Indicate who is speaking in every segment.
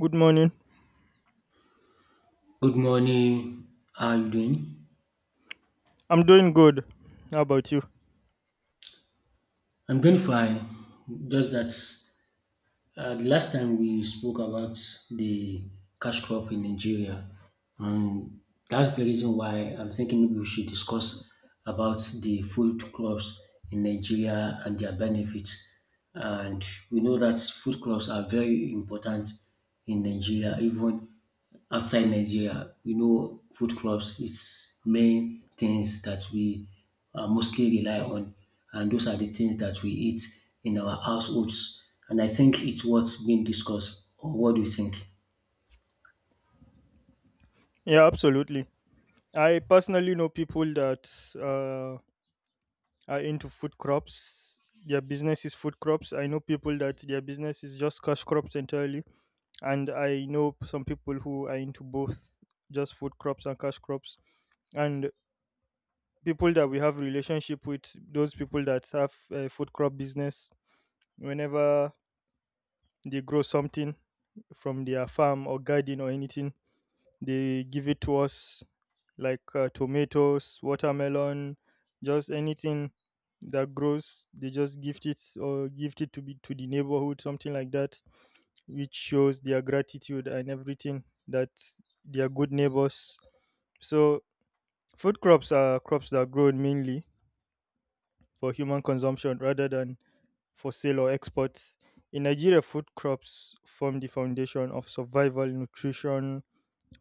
Speaker 1: Good morning.
Speaker 2: Good morning. How are you doing?
Speaker 1: I'm doing good. How about you?
Speaker 2: I'm doing fine. Just that the last time we spoke about the cash crop in Nigeria, and that's the reason why I'm thinking maybe we should discuss about the food crops in Nigeria and their benefits. And we know that food crops are very important in Nigeria, even outside Nigeria. We know food crops is main things that we mostly rely on, and those are the things that we eat in our households. And I think it's what's being discussed. Or what do you think?
Speaker 1: Yeah, absolutely. I personally know people that uh, are into food crops. Their business is food crops. I know people that their business is just cash crops entirely. And I know some people who are into both just food crops and cash crops. And people that we have relationship with, those people that have a food crop business, whenever they grow something from their farm or garden or anything, they give it to us like tomatoes, watermelon, just anything that grows. They just gift it or gift it to be to the neighborhood, something like that, which shows their gratitude and everything that they are good neighbors. So food crops are crops that are grown mainly for human consumption rather than for sale or export. In Nigeria, food crops form the foundation of survival, nutrition,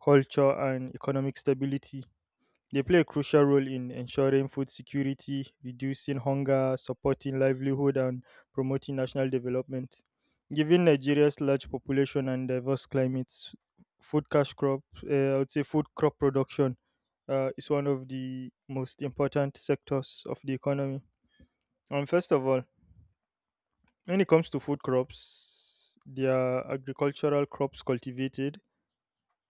Speaker 1: culture, and economic stability. They play a crucial role in ensuring food security, reducing hunger, supporting livelihood, and promoting national development. Given Nigeria's large population and diverse climates, food cash crop, I would say food crop production is one of the most important sectors of the economy. And first of all, when it comes to food crops, they are agricultural crops cultivated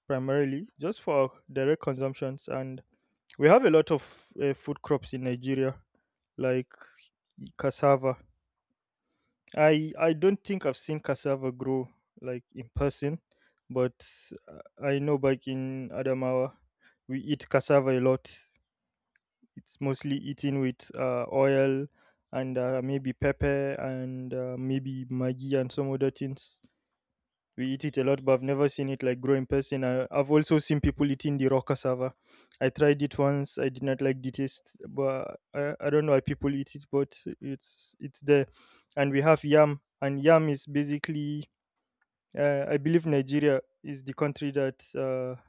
Speaker 1: primarily just for direct consumptions, and we have a lot of food crops in Nigeria, like cassava. I don't think I've seen cassava grow like in person, but I know back in Adamawa we eat cassava a lot. It's mostly eaten with oil and maybe pepper and maybe maggi and some other things. We eat it a lot, but I've never seen it like grow in person. I've also seen people eating the raw cassava. I tried it once. I did not like the taste, but I don't know why people eat it, but it's there. And we have yam, and yam is basically, I believe Nigeria is the country that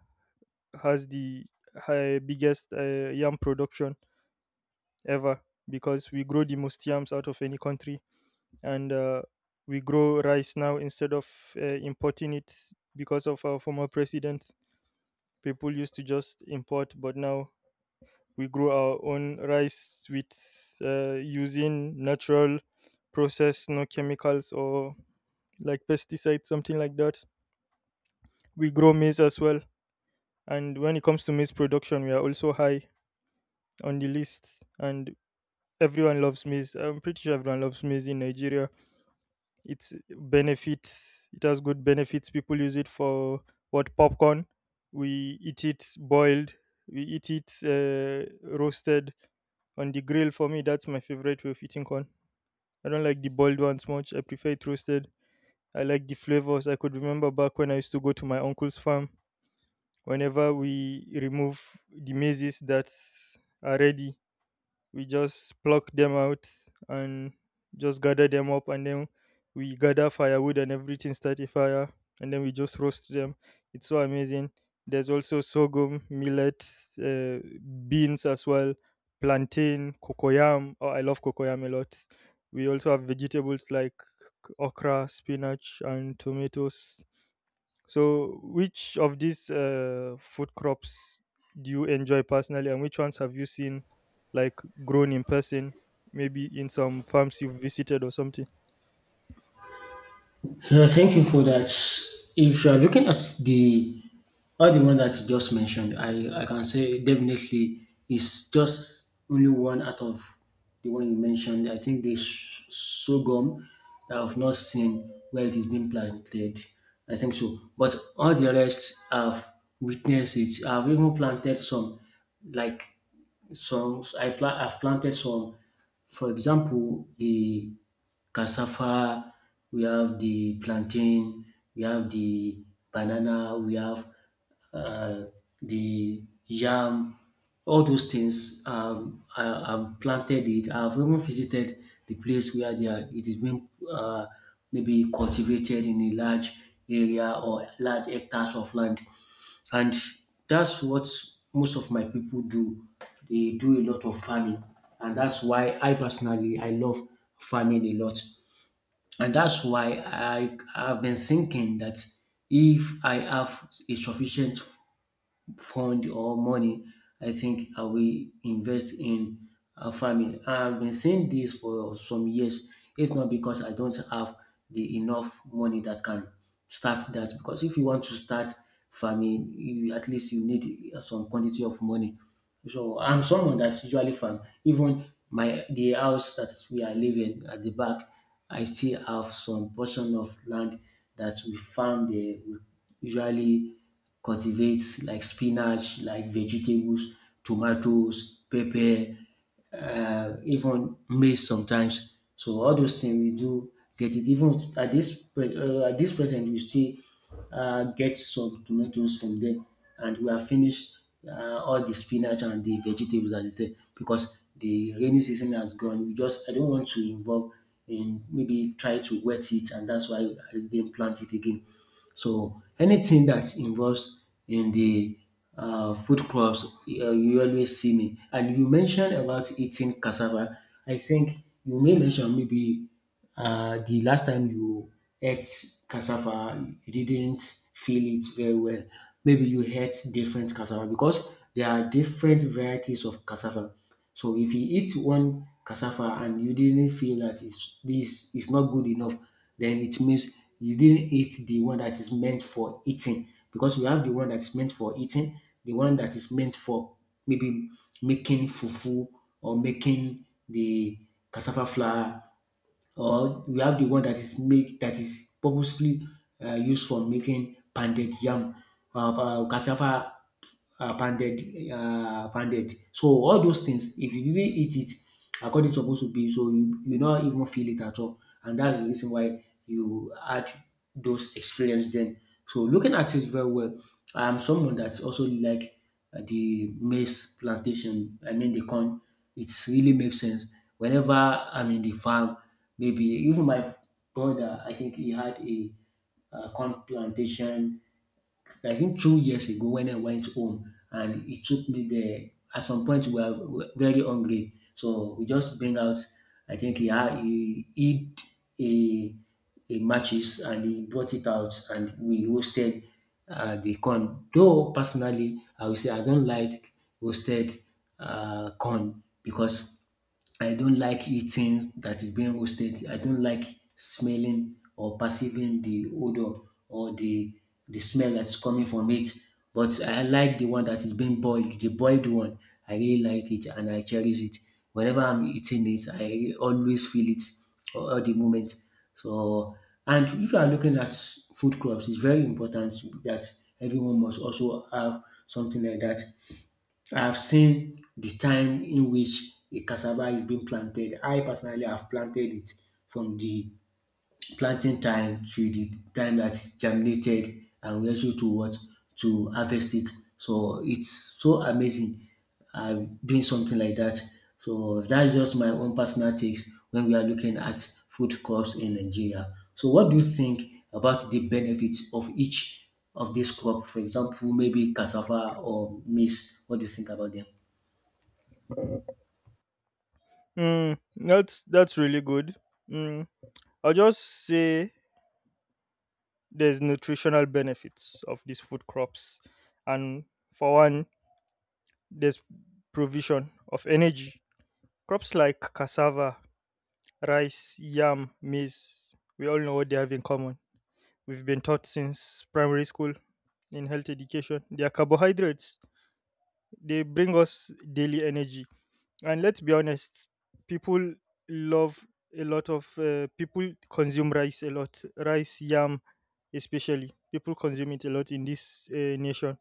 Speaker 1: has the biggest yam production ever, because we grow the most yams out of any country, and we grow rice now instead of importing it because of our former president. People used to just import, but now we grow our own rice with using natural process, no chemicals or like pesticides, something like that. We grow maize as well, and when it comes to maize production, we are also high on the list, and everyone loves maize. I'm pretty sure everyone loves maize in Nigeria. It's benefits. It has good benefits. People use it for what, popcorn. We eat it boiled. We eat it roasted on the grill. For me, that's my favorite way of eating corn. I don't like the boiled ones much. I prefer it roasted. I like the flavors. I could remember back when I used to go to my uncle's farm. Whenever we remove the mazes that are ready, we just pluck them out and just gather them up, and then we gather firewood and everything, start a fire, and then we just roast them. It's so amazing. There's also sorghum, millet, uh, beans as well, plantain, cocoyam. Oh, I love cocoyam a lot. We also have vegetables like okra, spinach, and tomatoes. So, which of these food crops do you enjoy personally, and which ones have you seen like grown in person, maybe in some farms you've visited or something?
Speaker 2: Yeah, thank you for that. If you are looking at the all the one that you just mentioned, I can say definitely it's just only one out of the one you mentioned. I think this sorghum that I've not seen where it is being planted. I think so. But all the rest I've witnessed it. I've even planted some, like some. I've planted some. For example, the cassava, we have the plantain, we have the banana, we have uh, the yam. All those things, I've planted it. I've even visited the place it is being maybe cultivated in a large area or large hectares of land. And that's what most of my people do. They do a lot of farming. And that's why I personally I love farming a lot. And that's why I have been thinking that if I have a sufficient fund or money, I think I will invest in farming. I've been saying this for some years, if not because I don't have the enough money that can start that. Because if you want to start farming, at least you need some quantity of money. So I'm someone that usually farm. Even my the house that we are living at the back, I still have some portion of land that we farm there. We usually cultivates like spinach, like vegetables, tomatoes, pepper, even maize sometimes. So all those things we do get it. Even at at this present, we still get some tomatoes from there, and we have finished all the spinach and the vegetables that is there because the rainy season has gone. We just I don't want to involve in maybe try to wet it, and that's why I didn't plant it again. So anything that involves in the food crops, you always see me. And you mentioned about eating cassava. I think you may mention maybe the last time you ate cassava you didn't feel it very well. Maybe you ate different cassava because there are different varieties of cassava. So if you eat one cassava and you didn't feel that it's this is not good enough, then it means you didn't eat the one that is meant for eating, because we have the one that's meant for eating, the one that is meant for maybe making fufu or making the cassava flour, or we have the one that is purposely used for making pounded yam, cassava pounded, pounded. So all those things, if you really eat it according to supposed to be, so you not even feel it at all, and that's the reason why you had those experience then. So looking at it very well, I'm someone that also like the maize plantation. I mean the corn. It really makes sense. Whenever I'm in the farm. Maybe even my brother, I think he had a corn plantation, I think 2 years ago when I went home and he took me there. At some point, we were very hungry. So we just bring out, I think he had, he eat a, a matches, and he brought it out and we roasted the corn. Though personally, I will say I don't like roasted corn, because I don't like eating that is being roasted. I don't like smelling or perceiving the odor or the smell that's coming from it. But I like the one that is being boiled, the boiled one. I really like it and I cherish it. Whenever I'm eating it, I always feel it all the moment. So, and if you are looking at food clubs, it's very important that everyone must also have something like that. I've seen the time in which a cassava is being planted. I personally have planted it from the planting time to the time that that is germinated, and we also to what to harvest it. So it's so amazing doing something like that. So that's just my own personal takes when we are looking at food crops in Nigeria. So what do you think about the benefits of each of this crop? For example, maybe cassava or maize. What do you think about them?
Speaker 1: Mm, that's really good. Mm, I'll just say there's nutritional benefits of these food crops, and for one, there's provision of energy. Crops like cassava, rice, yam, maize, we all know what they have in common. We've been taught since primary school, in health education, they are carbohydrates. They bring us daily energy. And let's be honest, people love people consume rice a lot. Rice, yam, especially people consume it a lot in this nation,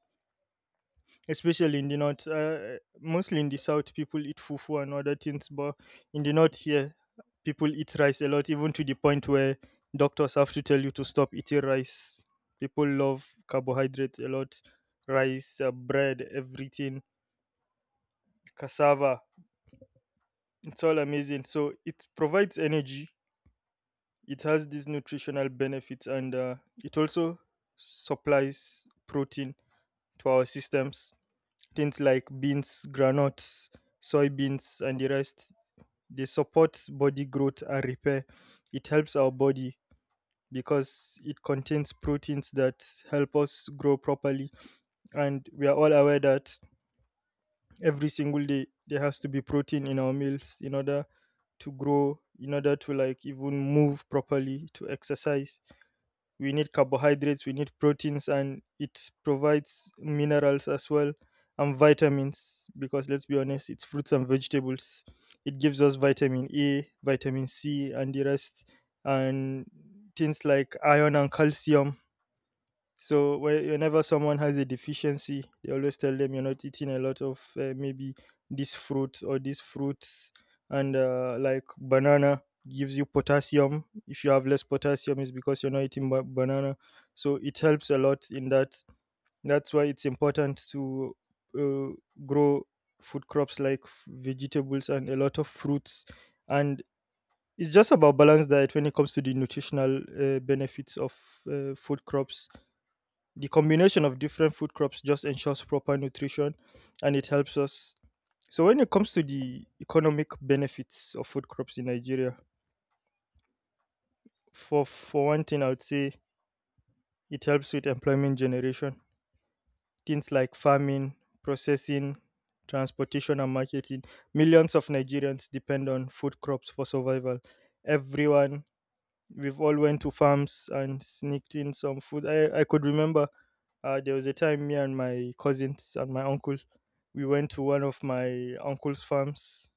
Speaker 1: especially in the north. Mostly in the south, people eat fufu and other things, but in the north here, people eat rice a lot, even to the point where doctors have to tell you to stop eating rice. People love carbohydrates a lot, rice, bread, everything, cassava. It's all amazing. So it provides energy. It has these nutritional benefits, and it also supplies protein to our systems. Things like beans, granuts, soybeans, and the rest. They support body growth and repair. It helps our body because it contains proteins that help us grow properly. And we are all aware that every single day there has to be protein in our meals in order to grow, in order to like even move properly, to exercise. We need carbohydrates, we need proteins, and it provides minerals as well, and vitamins, because let's be honest, it's fruits and vegetables. It gives us vitamin A, vitamin C, and the rest, and things like iron and calcium. So whenever someone has a deficiency, they always tell them you're not eating a lot of maybe this fruit or this fruit, and like banana gives you potassium. If you have less potassium, it's because you're not eating banana. So it helps a lot in that. That's why it's important to uh, grow food crops like vegetables and a lot of fruits. And it's just about balanced diet when it comes to the nutritional benefits of food crops. The combination of different food crops just ensures proper nutrition, and it helps us. So when it comes to the economic benefits of food crops in Nigeria, for one thing I would say it helps with employment generation. Things like farming, processing, transportation and marketing. Millions of Nigerians depend on food crops for survival. Everyone, we've all went to farms and sneaked in some food. I could remember, there was a time me and my cousins and my uncle, we went to one of my uncle's farms,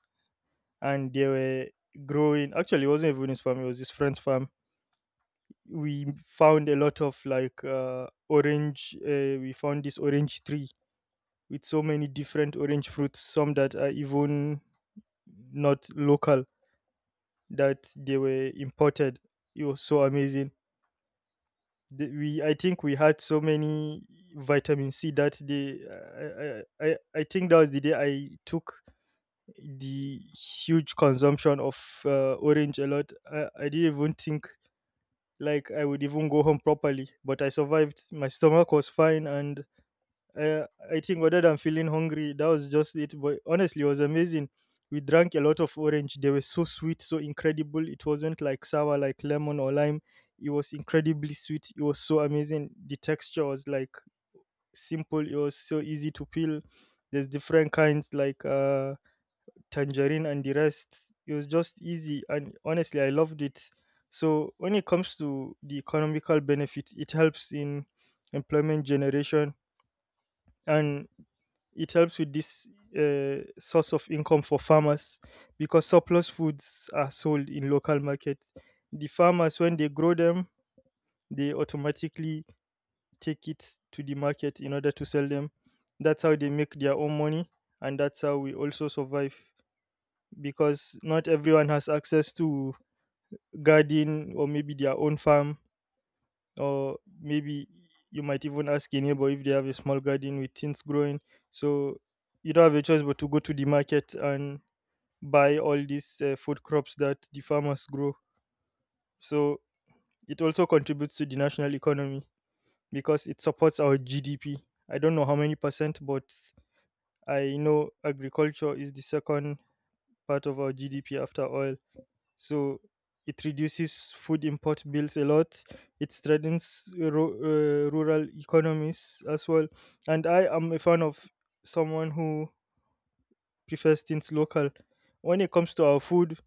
Speaker 1: and they were growing. Actually, it wasn't even his farm; it was his friend's farm. We found a lot of like orange. We found this orange tree with so many different orange fruits, some that are even not local, that they were imported. It was so amazing. The, we I think we had so many vitamin C that day. I think that was the day I took the huge consumption of orange a lot. I didn't even think like I would even go home properly, but I survived. My stomach was fine, and I think other than feeling hungry, that was just it. But honestly, it was amazing. We drank a lot of orange. They were so sweet, so incredible. It wasn't like sour, like lemon or lime. It was incredibly sweet. It was so amazing. The texture was like simple. It was so easy to peel. There's different kinds like tangerine and the rest. It was just easy, and honestly, I loved it. So when it comes to the economical benefits, it helps in employment generation, and it helps with this source of income for farmers because surplus foods are sold in local markets. The farmers, when they grow them, they automatically take it to the market in order to sell them. That's how they make their own money, and that's how we also survive, because not everyone has access to garden or maybe their own farm, or maybe you might even ask a neighbor if they have a small garden with things growing. So you don't have a choice but to go to the market and buy all these food crops that the farmers grow. So it also contributes to the national economy because it supports our GDP. I don't know how many percent, but I know agriculture is the second part of our GDP after oil. So it reduces food import bills a lot. It strengthens rural economies as well. And I am a fan of someone who prefers things local. When it comes to our food,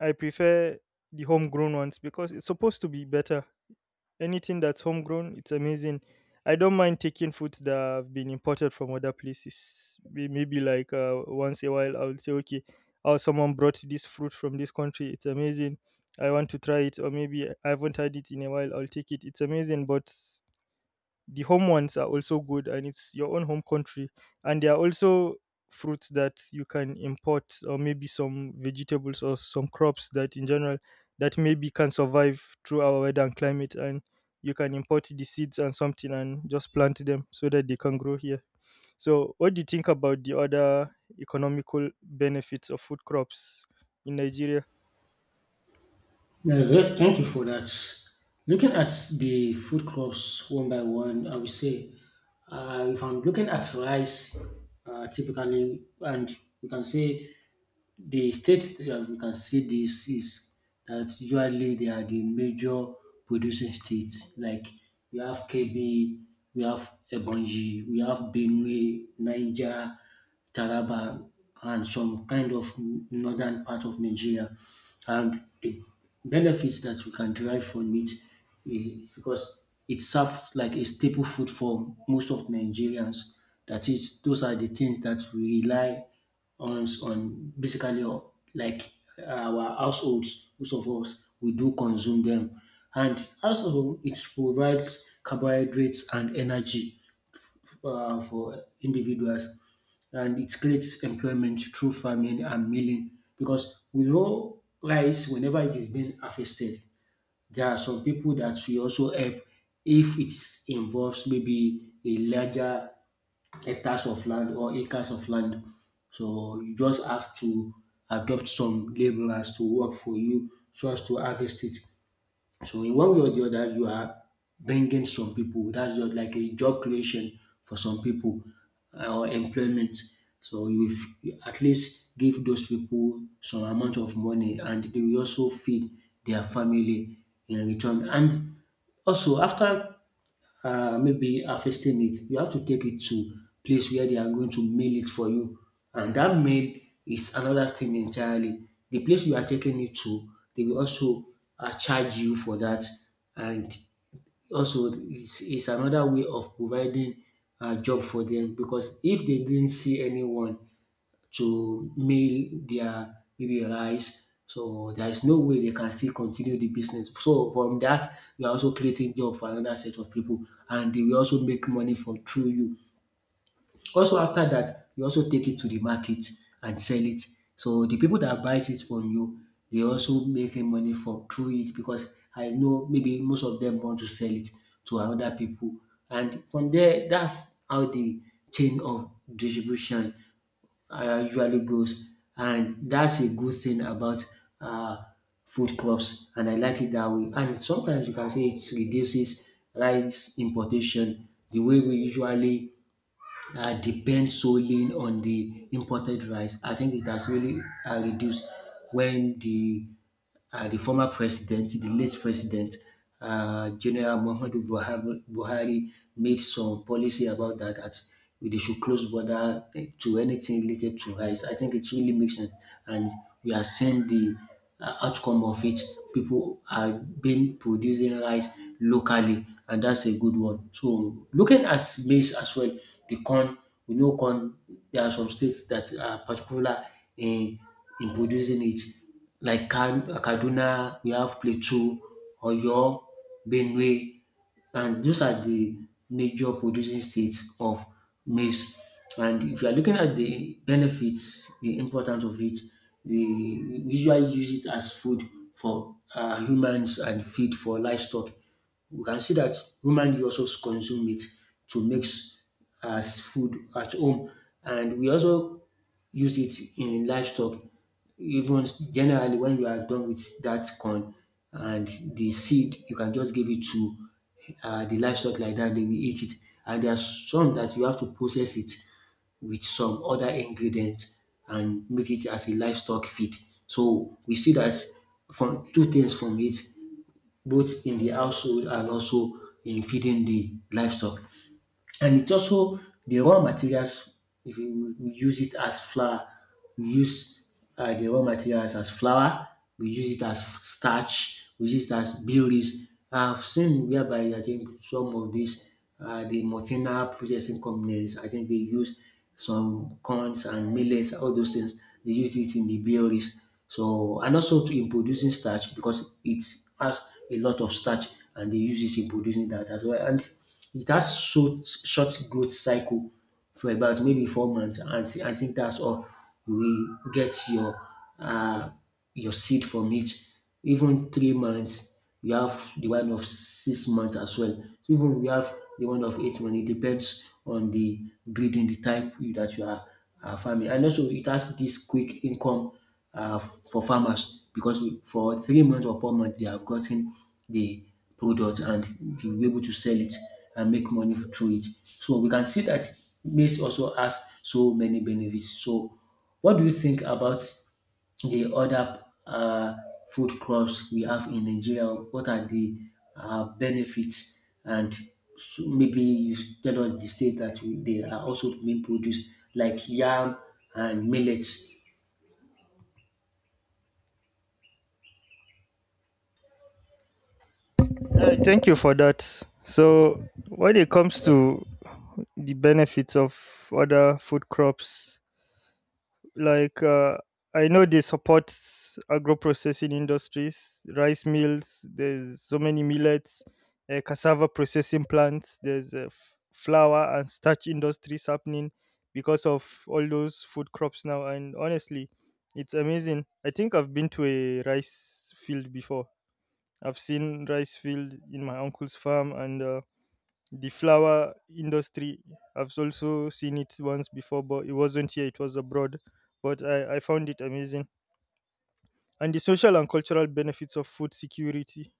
Speaker 1: I prefer the homegrown ones because it's supposed to be better. Anything that's homegrown, it's amazing. I don't mind taking foods that have been imported from other places. Maybe like once a while, I will say, okay, oh, someone brought this fruit from this country. It's amazing. I want to try it, or maybe I haven't had it in a while. I'll take it. It's amazing, but the home ones are also good and it's your own home country, and there are also fruits that you can import, or maybe some vegetables or some crops that in general that maybe can survive through our weather and climate, and you can import the seeds and something and just plant them so that they can grow here. So what do you think about the other economical benefits of food crops in Nigeria?
Speaker 2: Yeah, thank you for that. Looking at the food crops one by one, I would say if I'm looking at rice, typically, and we can say the states that you can see this is, that usually they are the major producing states. Like we have KB, we have Ebonyi, we have Benue, Niger, Taraba, and some kind of northern part of Nigeria. And the benefits that we can derive from it is because it serves like a staple food for most of Nigerians. That is, those are the things that we rely on basically on like our households. Most of us we do consume them. And also it provides carbohydrates and energy for individuals, and it creates employment through farming and milling, because we know rice, whenever it is being harvested, there are some people that we also help if it involves maybe a larger hectares of land or acres of land. So you just have to adopt some laborers to work for you so as to harvest it. So in one way or the other, you are bringing some people. That's just like a job creation for some people, or employment. So you at least give those people some amount of money, and they will also feed their family in return. And also after maybe harvesting it, you have to take it to place where they are going to mill it for you. And that mill is another thing entirely. The place you are taking it to, they will also charge you for that. And also, it's another way of providing a job for them, because if they didn't see anyone to mail their maybe rice, so there is no way they can still continue the business. So from that, you are also creating job for another set of people, and they will also make money from through you. Also after that, you also take it to the market and sell it. So the people that buys it from you, they also making money from through it, because I know maybe most of them want to sell it to another people. And from there, that's how the chain of distribution usually grows, and that's a good thing about uh, food crops, and I like it that way. And sometimes you can say it reduces rice importation. The way we usually depend solely on the imported rice, I think it has really reduced when the former president, the late president, General Muhammadu Buhari, made some policy about that, that they should close border to anything related to rice. I think it really makes sense, and we are seeing the outcome of it. People are been producing rice locally, and that's a good one. So looking at maize as well, the corn. We know corn. There are some states that are particular in in producing it, like Kaduna, we have Plateau, Oyo, Benue, and those are the major producing states of maize. And if you are looking at the benefits, the importance of it, they usually use it as food for humans and feed for livestock. We can see that woman dey also consume meat to mix as food at home, and we also use it in livestock. Even generally, when you are done with that corn and the seed, you can just give it to the livestock like that, they will eat it. And there are some that you have to process it with some other ingredients and make it as a livestock feed. So we see that, from two things from it, both in the household and also in feeding the livestock. And it also the raw materials, if you we use it as flour, we use the raw materials as flour, we use it as starch, we use it as berries. I've seen whereby I think some of these the multinational processing companies, I think they use some corns and millets, all those things. They use it in the breweries. So and also to in producing starch, because it has a lot of starch and they use it in producing that as well. And it has short growth cycle for about maybe 4 months, and I think that's all you will get uh, your seed from it. Even 3 months, we have the one of 6 months as well. So even we have the one of 8 months. It depends on the breeding, the type that you are farming. And also it has this quick income for farmers, because for 3 months or 4 months they have gotten the product and they will be able to sell it and make money through it. So we can see that maize also has so many benefits. So what do you think about the other food crops we have in Nigeria? What are the benefits? And so maybe you tell us the state that they are also being produced, like yam and millets.
Speaker 1: Thank you for that. So when it comes to the benefits of other food crops, like uh, I know they support agro-processing industries, rice mills, there's so many millets, cassava processing plants, there's flour and starch industries happening because of all those food crops now. And honestly, it's amazing. I think I've been to a rice field before. I've seen rice field in my uncle's farm. And the flower industry, I've also seen it once before, but it wasn't here, it was abroad. But I found it amazing. And the social and cultural benefits of food security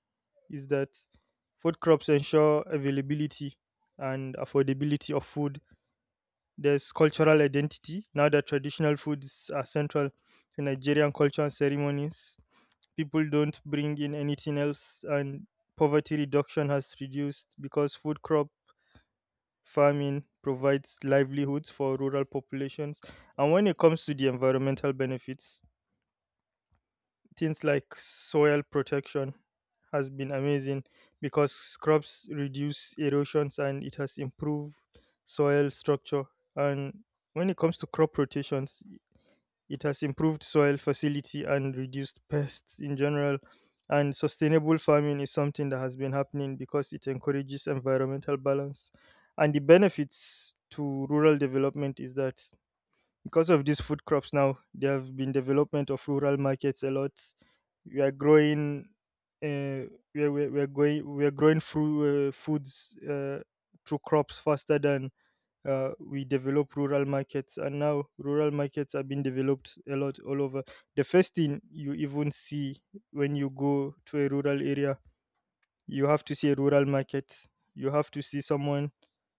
Speaker 1: is that food crops ensure availability and affordability of food. There's cultural identity now that traditional foods are central to Nigerian culture and ceremonies. People don't bring in anything else. And poverty reduction has reduced because food crop farming provides livelihoods for rural populations. And when it comes to the environmental benefits, things like soil protection has been amazing because crops reduce erosions and it has improved soil structure. And when it comes to crop rotations, it has improved soil facility and reduced pests in general. And sustainable farming is something that has been happening because it encourages environmental balance. And the benefits to rural development is that because of these food crops now, there have been development of rural markets a lot. We are growing, uh, we are, we are we are going, we are growing through foods, through crops faster than we develop rural markets, and now rural markets are being developed a lot all over. The first thing you even see when you go to a rural area, you have to see a rural market. You have to see someone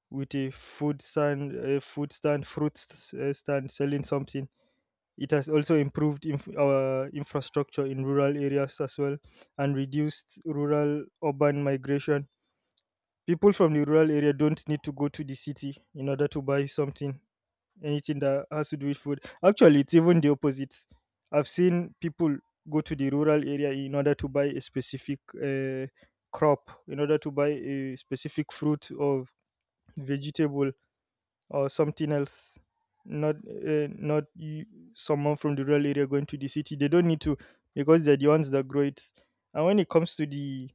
Speaker 1: with a food stand, a food stand fruit st- stand selling something. It has also improved our infrastructure in rural areas as well, and reduced rural urban migration. People from the rural area don't need to go to the city in order to buy something, anything that has to do with food. Actually, it's even the opposite. I've seen people go to the rural area in order to buy a specific crop, in order to buy a specific fruit or vegetable or something else. Not not you, someone from the rural area going to the city. They don't need to, because they're the ones that grow it. And when it comes to the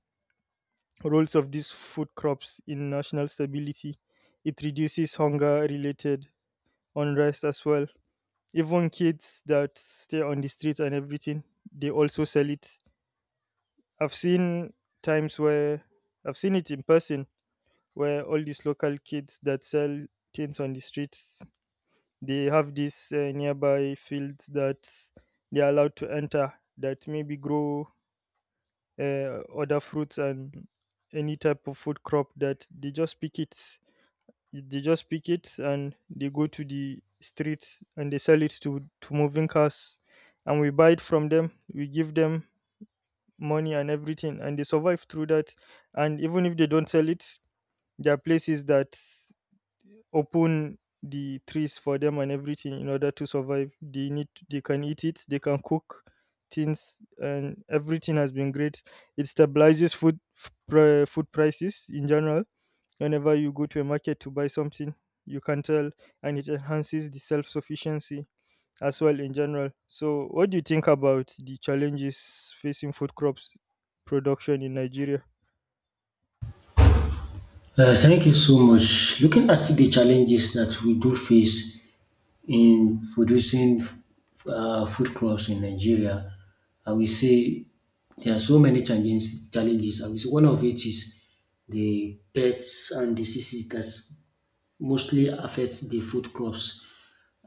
Speaker 1: roles of these food crops in national stability, it reduces hunger related unrest as well. Even kids that stay on the streets and everything, they also sell it. I've seen times where I've seen it in person, where all these local kids that sell things on the streets, they have these nearby fields that they're allowed to enter, that maybe grow other fruits and any type of food crop, that they just pick it. They just pick it and they go to the streets and they sell it to moving cars. And we buy it from them. We give them money and everything, and they survive through that. And even if they don't sell it, there are places that open the trees for them and everything in order to survive. They need, they can eat it, they can cook things, and everything has been great. It stabilizes food prices in general. Whenever you go to a market to buy something, you can tell. And it enhances the self sufficiency as well in general. So, what do you think about the challenges facing food crops production in Nigeria?
Speaker 2: Thank you so much. Looking at the challenges that we do face in producing food crops in Nigeria, I will say there are so many challenges. Challenges. I will say one of it is the pests and diseases that mostly affect the food crops.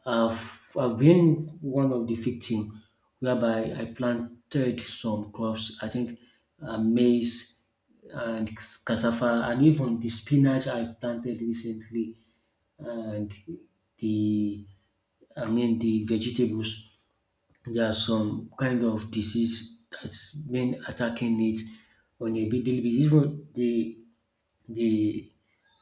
Speaker 2: I've been one of the victims, whereby I planted some crops. I think maize and cassava and even the spinach I planted recently. And the I mean the vegetables, there are some kind of disease that's been attacking it on a big daily basis. Even the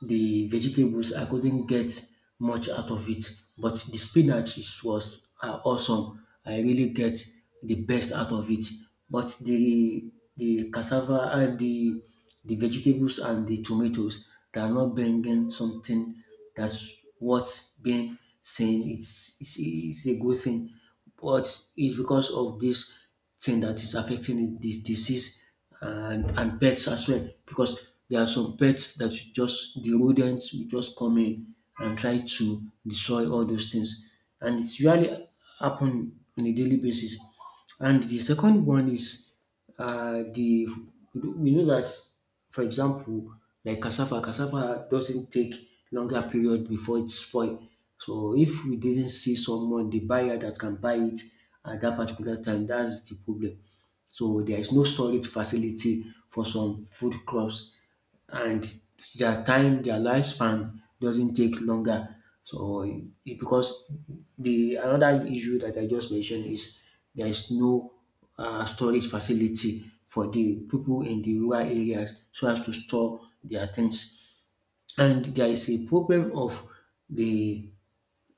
Speaker 2: the vegetables, I couldn't get much out of it, but the spinach is was are awesome. I really get the best out of it. But the cassava and the vegetables and the tomatoes, they are not bringing something. That's what's being saying, it's it's a good thing. But it's because of this thing that is affecting it, this disease. And pets as well, because there are some pets that you just the rodents will just come in and try to destroy all those things, and it's really happen on a daily basis. And the second one is the, you know that, for example, like cassava, cassava doesn't take longer period before it's spoil. So if we didn't see someone, the buyer that can buy it at that particular time, that's the problem. So there is no storage facility for some food crops and their time, their lifespan doesn't take longer. So because the another issue that I just mentioned is there is no storage facility for the people in the rural areas so as to store their things. And there is a problem of the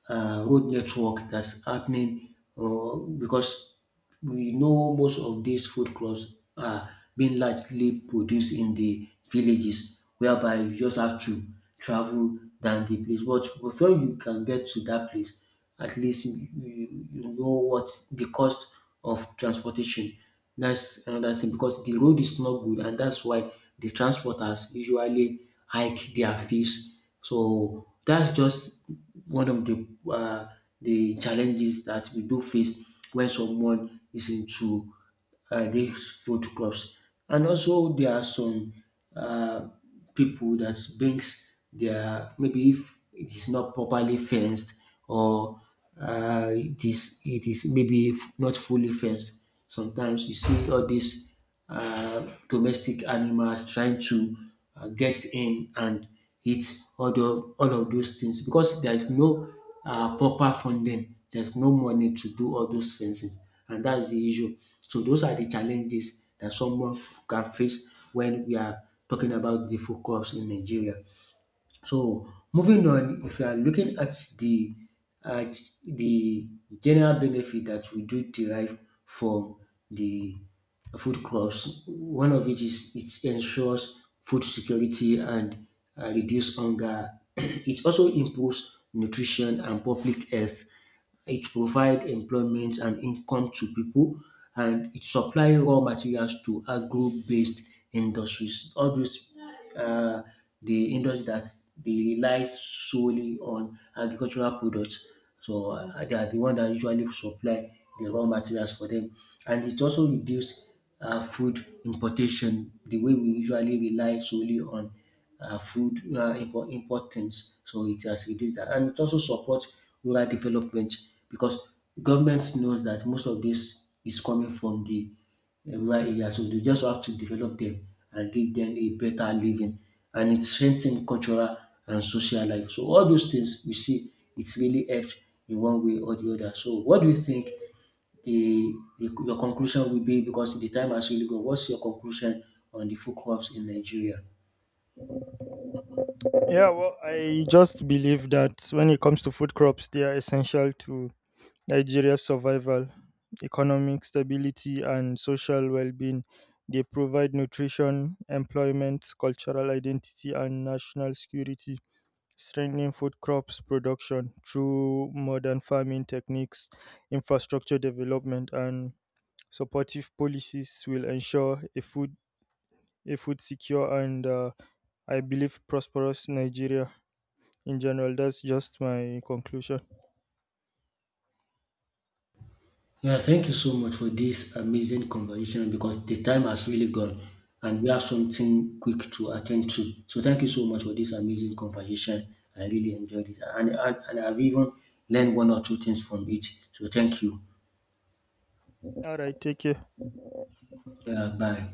Speaker 2: road network that's happening, because we know most of these food crops are being largely produced in the villages, whereby you just have to travel than the place. But before you can get to that place, at least you you know what the cost of transportation. That's another thing, because the road is not good, and that's why the transporters usually hike their fees. So that's just one of the challenges that we do face when someone is into these food clubs. And also there are some uh, people that brings their, maybe if it is not properly fenced, or it is maybe not fully fenced. Sometimes you see all these domestic animals trying to get in and eat all of those things, because there is no proper funding, there's no money to do all those things, and that's the issue. So those are the challenges that someone can face when we are talking about the food crops in Nigeria. So moving on, if you are looking at the at the general benefit that we do derive from the food crops, one of which is it ensures food security and reduce hunger. It also improves nutrition and public health. It provides employment and income to people, and it supply raw materials to agro based industries. All those um the industry dat they rely solely on agricultural products. So they are the one that usually supply the raw materials for them. And it also reduce uh, food importation, the way we usually rely solely on import things. So it has reduced that. And it also supports rural development, because government knows that most of this is coming from the rural area. So they just have to develop them and give them a better living. And it strengthens cultural and social life. So all those things we see, it's really helped in one way or the other. So what do you think the your conclusion will be, because the time has really gone? What's your conclusion on the food crops in Nigeria?
Speaker 1: Yeah, well, I just believe that when it comes to food crops, they are essential to Nigeria's survival, economic stability, and social well being. They provide nutrition, employment, cultural identity, and national security. Strengthening food crops production through modern farming techniques, infrastructure development, and supportive policies will ensure a food secure and, I believe, prosperous Nigeria in general. That's just my conclusion.
Speaker 2: Yeah, thank you so much for this amazing conversation, because the time has really gone and we have something quick to attend to. So thank you so much for this amazing conversation. I really enjoyed it, and I've even learned one or two things from it. So thank you.
Speaker 1: All right, take care.
Speaker 2: Yeah, bye.